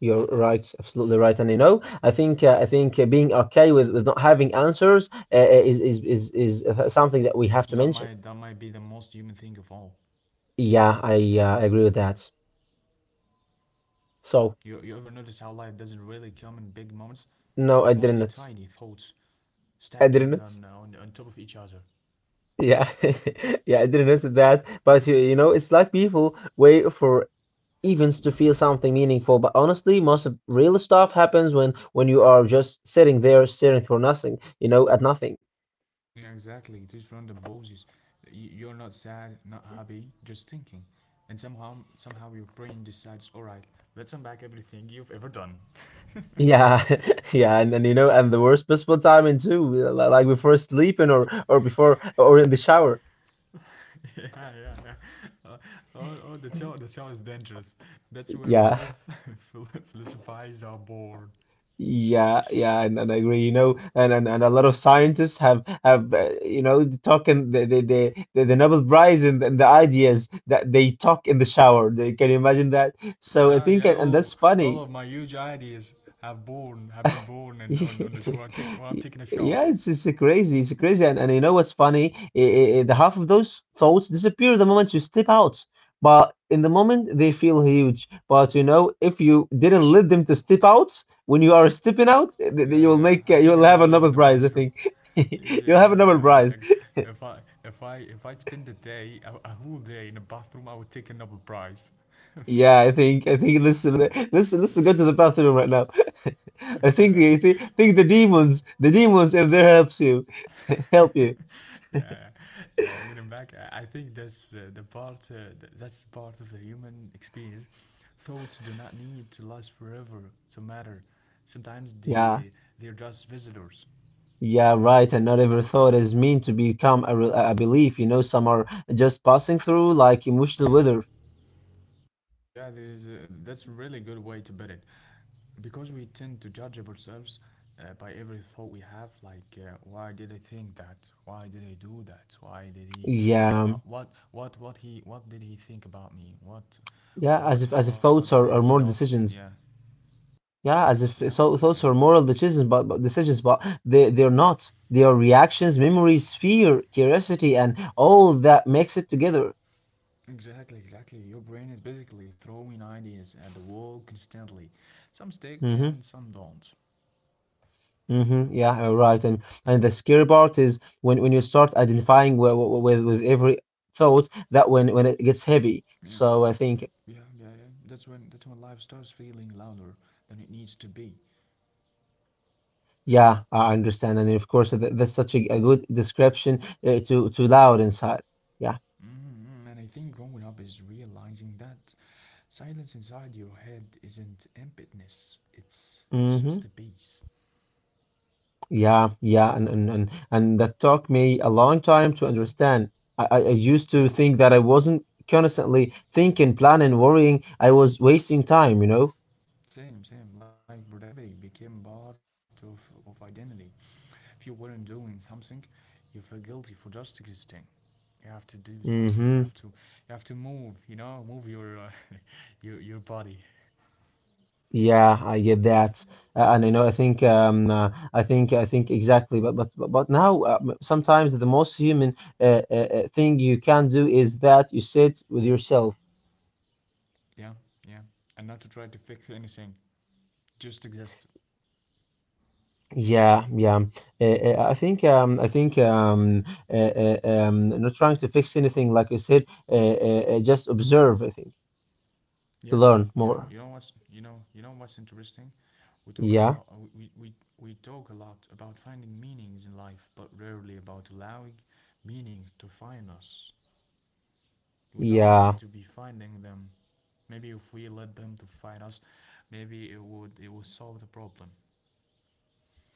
Speaker 2: You're right, absolutely right, and I think being okay with not having answers, is something that we have to
Speaker 1: That
Speaker 2: mention.
Speaker 1: might that might be the most human thing of all.
Speaker 2: Yeah, I agree with that. So.
Speaker 1: You ever notice how life doesn't really come in big moments?
Speaker 2: No,
Speaker 1: It's
Speaker 2: I
Speaker 1: mostly
Speaker 2: didn't notice.
Speaker 1: tiny thoughts
Speaker 2: I didn't
Speaker 1: stacking
Speaker 2: notice.
Speaker 1: on top of each other.
Speaker 2: Yeah, *laughs* yeah, I didn't notice that. But it's like people wait for events to feel something meaningful. But honestly, most of real stuff happens when you are just sitting there staring for nothing. You know, at nothing.
Speaker 1: Yeah, exactly. Just random pauses. You're not sad, not happy, just thinking. And somehow your brain decides, all right, let's unpack everything you've ever done.
Speaker 2: Yeah, *laughs* yeah, and then you know, and the worst possible timing too, like before sleeping or before
Speaker 1: Uh,
Speaker 2: or in the shower.
Speaker 1: *laughs* yeah, yeah, yeah. Oh, oh, the show is dangerous. That's where
Speaker 2: Yeah.
Speaker 1: life *laughs* philosophies are born.
Speaker 2: Yeah, yeah, and I agree, and a lot of scientists have talking the Nobel Prize, and the ideas that they talk in the shower. They, can you imagine that? So I
Speaker 1: Yeah,
Speaker 2: think
Speaker 1: yeah.
Speaker 2: and,
Speaker 1: All
Speaker 2: and
Speaker 1: of
Speaker 2: that's
Speaker 1: all
Speaker 2: funny.
Speaker 1: of my huge ideas have been born, and on the show.
Speaker 2: *laughs*
Speaker 1: Well, I'm taking a shower.
Speaker 2: Yeah, it's crazy. It's crazy, and you know what's funny? The half of those thoughts disappear the moment you step out, but in the moment they feel huge. But you know, if you didn't let them to step out, when you are stepping out,
Speaker 1: Yeah, yeah, yeah. I think I
Speaker 2: you'll
Speaker 1: gotta
Speaker 2: have a
Speaker 1: live in
Speaker 2: Nobel
Speaker 1: the
Speaker 2: Prize, I
Speaker 1: bathroom.
Speaker 2: think. *laughs*
Speaker 1: Yes,
Speaker 2: You'll
Speaker 1: yeah,
Speaker 2: have a Nobel
Speaker 1: yeah.
Speaker 2: Prize.
Speaker 1: I, if I if I if I spend a whole day in the bathroom, I would take another prize.
Speaker 2: Yeah, I think listen, listen, listen, go
Speaker 1: *laughs*
Speaker 2: to the bathroom right now. *laughs*
Speaker 1: Yeah,
Speaker 2: I
Speaker 1: *laughs*
Speaker 2: think
Speaker 1: yeah,
Speaker 2: I think,
Speaker 1: yeah,
Speaker 2: think
Speaker 1: yeah.
Speaker 2: the demons, if they helps you, *laughs*
Speaker 1: *laughs*
Speaker 2: help you.
Speaker 1: Yeah, getting back, I think that's the part. That's part of the human experience. Thoughts do not need to last forever to matter. Sometimes
Speaker 2: Yeah.
Speaker 1: they're just visitors.
Speaker 2: Yeah, right. And not every thought is meant to become a belief. You know, some are just passing through like emotional
Speaker 1: Yeah,
Speaker 2: weather.
Speaker 1: yeah. That's a really good way to put it, because we tend to judge of ourselves by every thought we have. Like, why did I think that? Why did I do that? Why did he? That,
Speaker 2: Yeah,
Speaker 1: what he what did he think about me? What
Speaker 2: yeah. As
Speaker 1: What
Speaker 2: if as if
Speaker 1: what
Speaker 2: thoughts
Speaker 1: did he
Speaker 2: are
Speaker 1: not?
Speaker 2: moral
Speaker 1: Yeah,
Speaker 2: decisions. Yeah, as
Speaker 1: yeah,
Speaker 2: if so thoughts
Speaker 1: yeah.
Speaker 2: are moral decisions, but, decisions, but they're not. They are reactions, memories, fear, curiosity, and all that makes it together.
Speaker 1: Exactly, exactly. Your brain is basically throwing ideas at the wall constantly. Some stick and
Speaker 2: Mm-hmm.
Speaker 1: some don't.
Speaker 2: Mm-hmm. Yeah, you're right. And the scary part is when you start identifying with every thought that when it gets heavy.
Speaker 1: Yeah.
Speaker 2: So I think.
Speaker 1: Yeah, yeah, yeah. That's when life starts feeling louder than it needs to be.
Speaker 2: Yeah, I understand, and of course, th that's such a good description, to loud inside. Yeah.
Speaker 1: And I think growing up is realizing that silence inside your head isn't emptiness. It's just a
Speaker 2: Hmm.
Speaker 1: peace.
Speaker 2: Yeah, yeah, and that took me a long time to understand. I used to
Speaker 1: Yeah,
Speaker 2: think that I wasn't constantly thinking, planning, worrying. I was wasting time.
Speaker 1: same, same. Like productivity became part of identity. If you weren't doing something, you feel guilty for just existing. You have to do something. You have
Speaker 2: Hmm.
Speaker 1: to you have to move. You know, move your *laughs* your body.
Speaker 2: Yeah, I get that, and I think exactly. But now, sometimes the most human, thing you can do is that you sit with yourself.
Speaker 1: Yeah, yeah, and not to try to fix anything. Just exist.
Speaker 2: Yeah, yeah. I think not trying to fix anything, like you said, just observe, I think,
Speaker 1: Yeah,
Speaker 2: to
Speaker 1: yeah.
Speaker 2: learn more.
Speaker 1: You know what's interesting. We talk a lot.
Speaker 2: Yeah,
Speaker 1: We talk a lot about finding meanings in life, but rarely about allowing meaning to find us. We're not meant to
Speaker 2: yeah.
Speaker 1: be finding them. Maybe if we let them to find us, maybe it would solve the problem.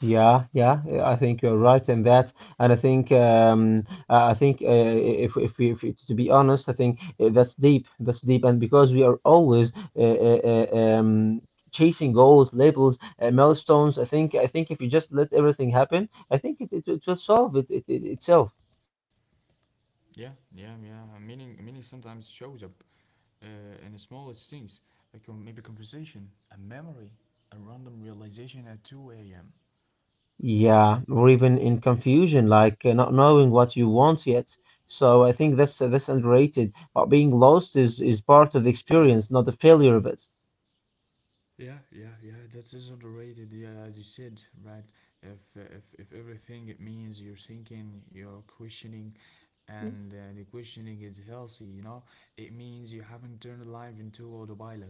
Speaker 2: Yeah, yeah, I think you're right in that, and I think if, we- to be honest, I think that's deep, and because we are always, chasing goals, labels, milestones, I think if you just let everything happen, I think it will solve it, it, it itself.
Speaker 1: Yeah, yeah, yeah. Meaning sometimes shows up in the smallest things, like maybe a conversation, a memory, a random realization at 2 a.m.
Speaker 2: Yeah, or even in confusion, like, not knowing what you want yet. So I think that's underrated, but being lost is part of the
Speaker 1: Yeah,
Speaker 2: experience, not the failure of it.
Speaker 1: yeah, yeah, yeah. That is underrated. Yeah, as you said, right? If everything it means you're thinking, you're questioning, and the questioning is healthy, you know? It means you haven't turned life into autopilot.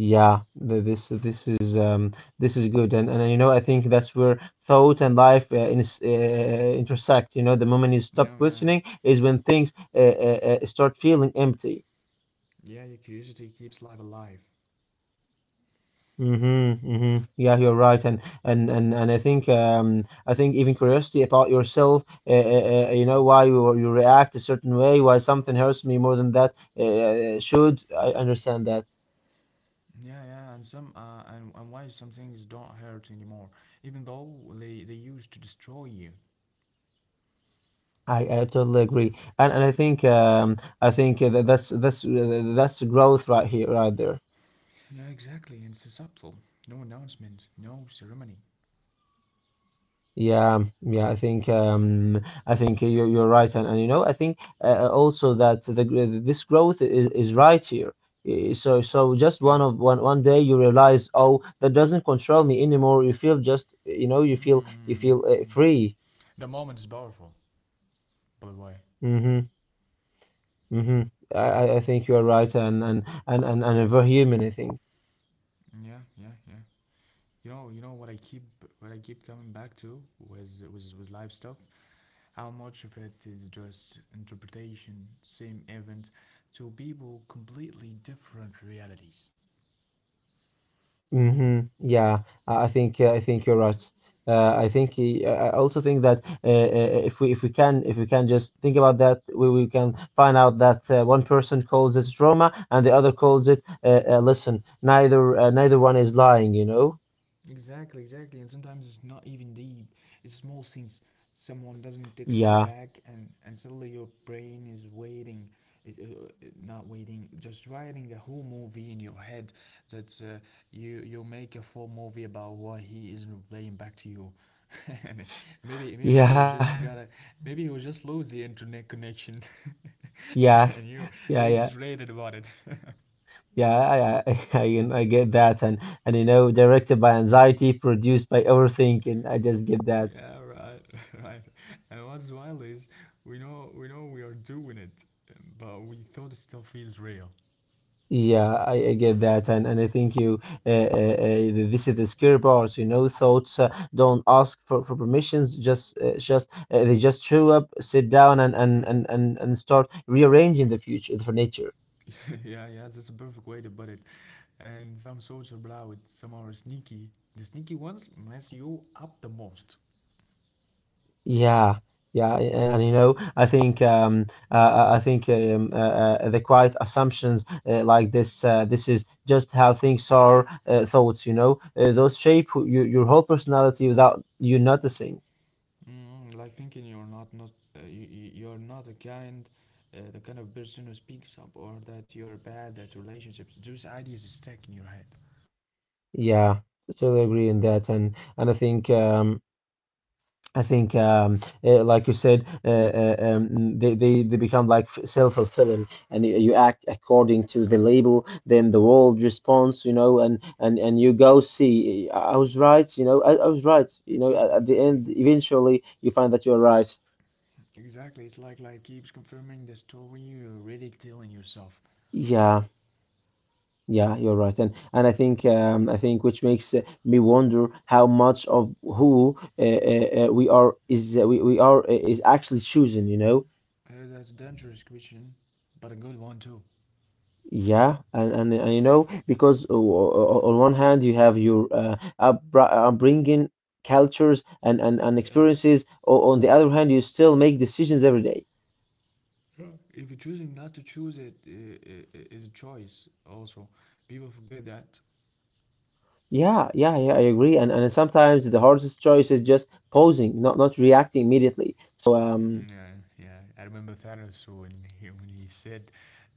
Speaker 2: Yeah, th- this this is um this is good, and I think that's where thought and life, intersect. You know, the moment you
Speaker 1: Yeah,
Speaker 2: stop
Speaker 1: yeah, yeah.
Speaker 2: questioning is when things, start feeling empty.
Speaker 1: Yeah, your curiosity keeps life alive.
Speaker 2: Mm-hmm, mm-hmm. Yeah, you're right, and I think even curiosity about yourself, you know,
Speaker 1: Mm.
Speaker 2: why you react a certain way, why something hurts me more than that, should. I understand that.
Speaker 1: Yeah, yeah, and why some things don't hurt anymore, even though they used to destroy you.
Speaker 2: I totally agree, and I think that's growth right here, right there.
Speaker 1: Yeah, exactly. And it's subtle. No announcement, no ceremony.
Speaker 2: Yeah, yeah. I think you're right, and you know I think also that this growth is right here. So just
Speaker 1: Yeah.
Speaker 2: one of one one day you realize, oh, that doesn't control me anymore. You feel, just, you know, you feel you
Speaker 1: Mm.
Speaker 2: feel uh,
Speaker 1: Mm.
Speaker 2: free.
Speaker 1: The moment is powerful, by the way.
Speaker 2: Mm-hmm. Mm-hmm. I think you are right, and a very human, I think.
Speaker 1: Yeah, yeah, yeah. You know what I keep coming back to was was live stuff. How much of it is just interpretation, same event, to people completely different realities?
Speaker 2: Yeah, I think I think you're right. I think I also think that if we can just think about that, we can find out that one person calls it trauma and the other calls it listen. Neither one is lying, you know.
Speaker 1: Exactly, exactly. And sometimes it's not even deep. It's small scenes. Someone doesn't text you
Speaker 2: Yeah,
Speaker 1: back, and suddenly your brain is waiting, it, uh, not waiting, just writing a whole movie in your head that you make a full movie about why he isn't replying back to you. *laughs* And maybe maybe he was
Speaker 2: yeah,
Speaker 1: just
Speaker 2: *laughs*
Speaker 1: gotta maybe he was just lose the internet connection. *laughs*
Speaker 2: yeah,
Speaker 1: And you
Speaker 2: yeah, yeah.
Speaker 1: exaggerated about it. *laughs*
Speaker 2: Yeah, I, I, *laughs* I get that, and you know, directed by anxiety, produced by overthinking. I just get that.
Speaker 1: Yeah, right, *laughs* right. And what's wild is we know we are doing it, but we thought it still feels real.
Speaker 2: Yeah, I get that, and I think you this is the scary part. You know, thoughts don't ask for permissions. Just They just show up, sit down, and start rearranging the furniture.
Speaker 1: *laughs* Yeah, yeah, that's a perfect way to put it. And some souls are loud, some are sneaky. The sneaky ones mess you up the most.
Speaker 2: Yeah, yeah, and you know, I think the quiet assumptions like this this is just how things are. Thoughts, you know, those shape your whole personality without you noticing.
Speaker 1: Mm, like thinking you're not not you, you- you're not a kind the kind of person who speaks up or that you're bad at relationships. Those ideas stick in your head.
Speaker 2: Yeah, totally agree in that, and I think like you said, they become like self-fulfilling, and you act according to the label, then the world responds, you know, and you go, see, I was right, you know, I was right, you know,
Speaker 1: Exactly,
Speaker 2: at the
Speaker 1: exactly,
Speaker 2: end,
Speaker 1: exactly.
Speaker 2: eventually you find that you're right.
Speaker 1: Exactly, it's like life keeps confirming the story you're already telling yourself.
Speaker 2: Yeah. Yeah, you're right, and I think which makes me wonder how much of who we are is actually choosing, you know?
Speaker 1: That's a dangerous question, but a good one too.
Speaker 2: Yeah, and you know, because on one hand you have your upbringing, cultures, and
Speaker 1: Yeah.
Speaker 2: experiences. On the other hand, you still make decisions every day.
Speaker 1: Yeah. If you're choosing not to choose it, is a choice. Also, people forget that.
Speaker 2: Yeah, yeah, yeah, I agree. And sometimes the hardest choice is just pausing, not reacting immediately. So,
Speaker 1: *laughs*
Speaker 2: um.
Speaker 1: Yeah, yeah. I remember Thanos when he said,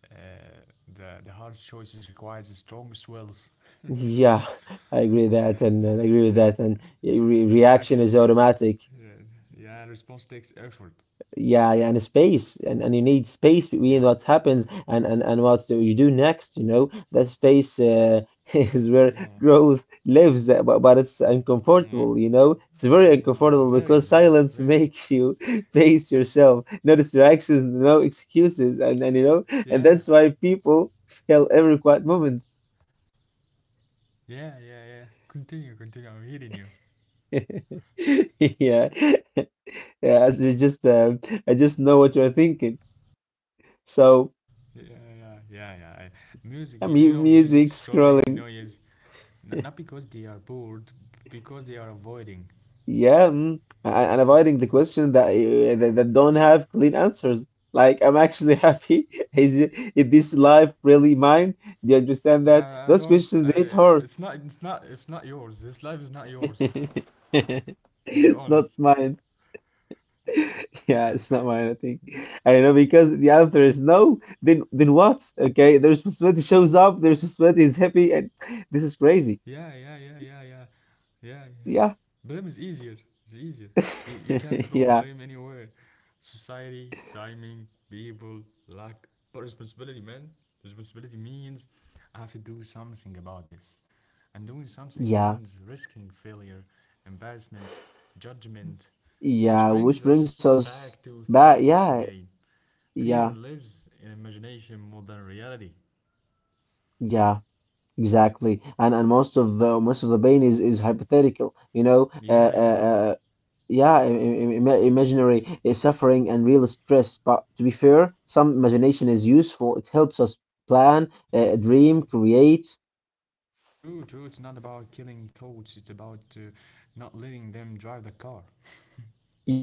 Speaker 1: uh, "the hardest choices requires the strongest wills."
Speaker 2: Yeah, *laughs* I agree with that, and I
Speaker 1: *laughs*
Speaker 2: agree with
Speaker 1: Yeah,
Speaker 2: that.
Speaker 1: yeah,
Speaker 2: And re reaction
Speaker 1: reaction.
Speaker 2: is automatic.
Speaker 1: Yeah, yeah, response takes effort.
Speaker 2: Yeah, yeah, and space, and you need space
Speaker 1: Yeah.
Speaker 2: between what happens and what do you do next. You know, that space *laughs* is where
Speaker 1: Yeah.
Speaker 2: growth lives, but it's
Speaker 1: Mm.
Speaker 2: uncomfortable. You know, it's
Speaker 1: Yeah.
Speaker 2: very
Speaker 1: Yeah. Yeah. Yeah.
Speaker 2: uncomfortable
Speaker 1: Very,
Speaker 2: because
Speaker 1: very,
Speaker 2: silence
Speaker 1: very.
Speaker 2: makes you *laughs* face yourself. No distractions, no excuses, and you know, and
Speaker 1: Yeah,
Speaker 2: that's why people *laughs* fail every quiet moment.
Speaker 1: yeah, yeah, yeah. Continue, continue. I'm hearing you.
Speaker 2: *laughs* Yeah. Yeah, I just know what you're thinking. So,
Speaker 1: Yeah, yeah, yeah, yeah. Music, music
Speaker 2: music
Speaker 1: scrolling
Speaker 2: scrolling.
Speaker 1: noise. Not because they are bored, because they are avoiding.
Speaker 2: Yeah, mm, and avoiding the
Speaker 1: Mm.
Speaker 2: question that, that that don't have clean answers. Like, I'm actually *laughs* happy. Is this life really mine? Do you understand that?
Speaker 1: I
Speaker 2: Those
Speaker 1: don't.
Speaker 2: questions, it
Speaker 1: It's
Speaker 2: hurts.
Speaker 1: not. It's not. It's not yours. This life is not yours.
Speaker 2: *laughs*
Speaker 1: To be
Speaker 2: It's not
Speaker 1: honest.
Speaker 2: mine. *laughs* Yeah,
Speaker 1: Yeah.
Speaker 2: it's not mine, I think. I know, because the answer is no, then what? Okay, the responsibility shows up, the responsibility is happy, and this is crazy.
Speaker 1: Yeah, yeah, yeah, yeah, yeah, yeah, yeah.
Speaker 2: Yeah.
Speaker 1: Blame is easier. It's easier. You can
Speaker 2: *laughs*
Speaker 1: throw
Speaker 2: Yeah,
Speaker 1: blame anywhere. Society, timing, people, luck, but responsibility, man. Responsibility means I have to do something about this. And doing something means
Speaker 2: yeah,
Speaker 1: risking failure, embarrassment, judgment, which
Speaker 2: yeah,
Speaker 1: brings
Speaker 2: which
Speaker 1: us
Speaker 2: brings us
Speaker 1: back to
Speaker 2: back.
Speaker 1: thoughts
Speaker 2: Yeah,
Speaker 1: again. Fear
Speaker 2: yeah,
Speaker 1: lives in imagination more than reality.
Speaker 2: yeah, exactly. And most of the pain is hypothetical, you know.
Speaker 1: Yeah, yeah,
Speaker 2: Uh,
Speaker 1: yeah.
Speaker 2: uh yeah, imaginary suffering and real stress. But to be fair, some imagination is useful. It helps us plan, dream, create.
Speaker 1: True, true. It's not about killing thoughts. It's about not letting them drive the car.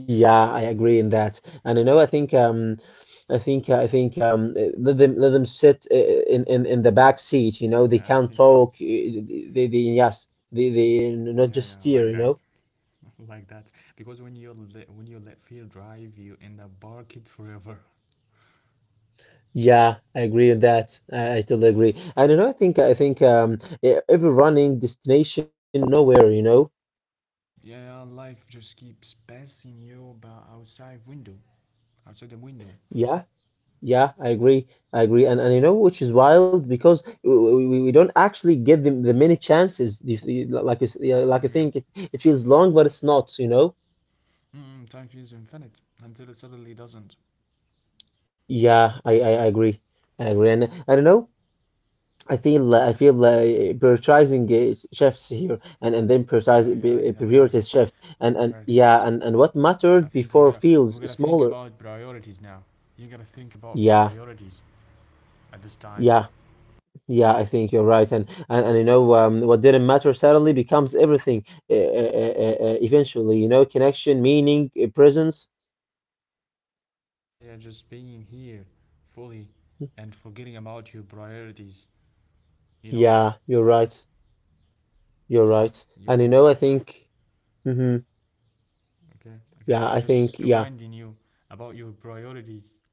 Speaker 2: Yeah, I agree in that. And you know, I think I think let them sit, in the back seat. You know,
Speaker 1: Yeah,
Speaker 2: they
Speaker 1: I think
Speaker 2: can't
Speaker 1: so.
Speaker 2: talk. They yes, they
Speaker 1: Yeah,
Speaker 2: not just
Speaker 1: yeah, like
Speaker 2: steer, you
Speaker 1: that,
Speaker 2: know.
Speaker 1: *laughs* like that. Because when you let fear drive, you end up barked forever.
Speaker 2: Yeah, I agree on that. I totally agree. I don't know. I think every running destination nowhere, you know.
Speaker 1: Yeah, yeah, life just keeps passing you by outside the window.
Speaker 2: Yeah. Yeah, I agree. I agree. And you know which is wild because we don't actually give them the many chances. Like you, yeah,
Speaker 1: Mm,
Speaker 2: like I
Speaker 1: yeah.
Speaker 2: think it feels long, but it's not, you know?
Speaker 1: Time feels infinite until it suddenly doesn't.
Speaker 2: Yeah, I agree. I agree. And I don't know. I feel like prioritizing, chefs here, and then
Speaker 1: Yeah,
Speaker 2: prioritize,
Speaker 1: yeah, the priorities,
Speaker 2: priorities shift,
Speaker 1: the
Speaker 2: and
Speaker 1: priorities.
Speaker 2: and what
Speaker 1: I
Speaker 2: mattered
Speaker 1: think we
Speaker 2: before
Speaker 1: gotta
Speaker 2: feels
Speaker 1: we gotta think
Speaker 2: smaller.
Speaker 1: about priorities now. You gotta think about
Speaker 2: Yeah.
Speaker 1: priorities at this time.
Speaker 2: Yeah. Yeah, I think you're right, and you know, what didn't matter suddenly becomes everything. Eventually, you know, connection, meaning, presence.
Speaker 1: Yeah, just being here fully and forgetting about your priorities. You know,
Speaker 2: Yeah, you're right. You're right,
Speaker 1: you
Speaker 2: and you
Speaker 1: forget.
Speaker 2: know, I think. hmm
Speaker 1: Okay,
Speaker 2: yeah,
Speaker 1: okay. I'm
Speaker 2: I
Speaker 1: just
Speaker 2: think. Yeah.
Speaker 1: reminding you about your priorities.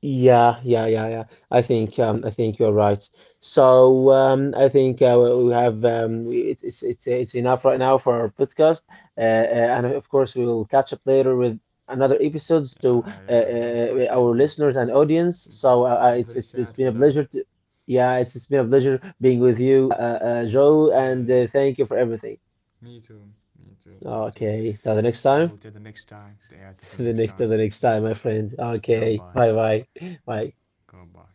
Speaker 2: Yeah, yeah, yeah, yeah. I think you're right. So, I think we have, it's it's enough right now for our podcast, and of course we will catch up later with another episodes to
Speaker 1: I,
Speaker 2: our
Speaker 1: Unfortunately,
Speaker 2: listeners and audience. So,
Speaker 1: I'm very
Speaker 2: it's
Speaker 1: sad for
Speaker 2: it's been a
Speaker 1: that.
Speaker 2: pleasure to, yeah, it's been a pleasure being with you,
Speaker 1: Yeah,
Speaker 2: Joe,
Speaker 1: yeah.
Speaker 2: and thank you for everything.
Speaker 1: Me too. Me too. Me too.
Speaker 2: Okay, till the next
Speaker 1: So
Speaker 2: time.
Speaker 1: till the next time. Yeah,
Speaker 2: *laughs*
Speaker 1: till the
Speaker 2: The
Speaker 1: next
Speaker 2: next Till
Speaker 1: time.
Speaker 2: the next time, my friend. Okay,
Speaker 1: Goodbye.
Speaker 2: bye bye, bye.
Speaker 1: Goodbye.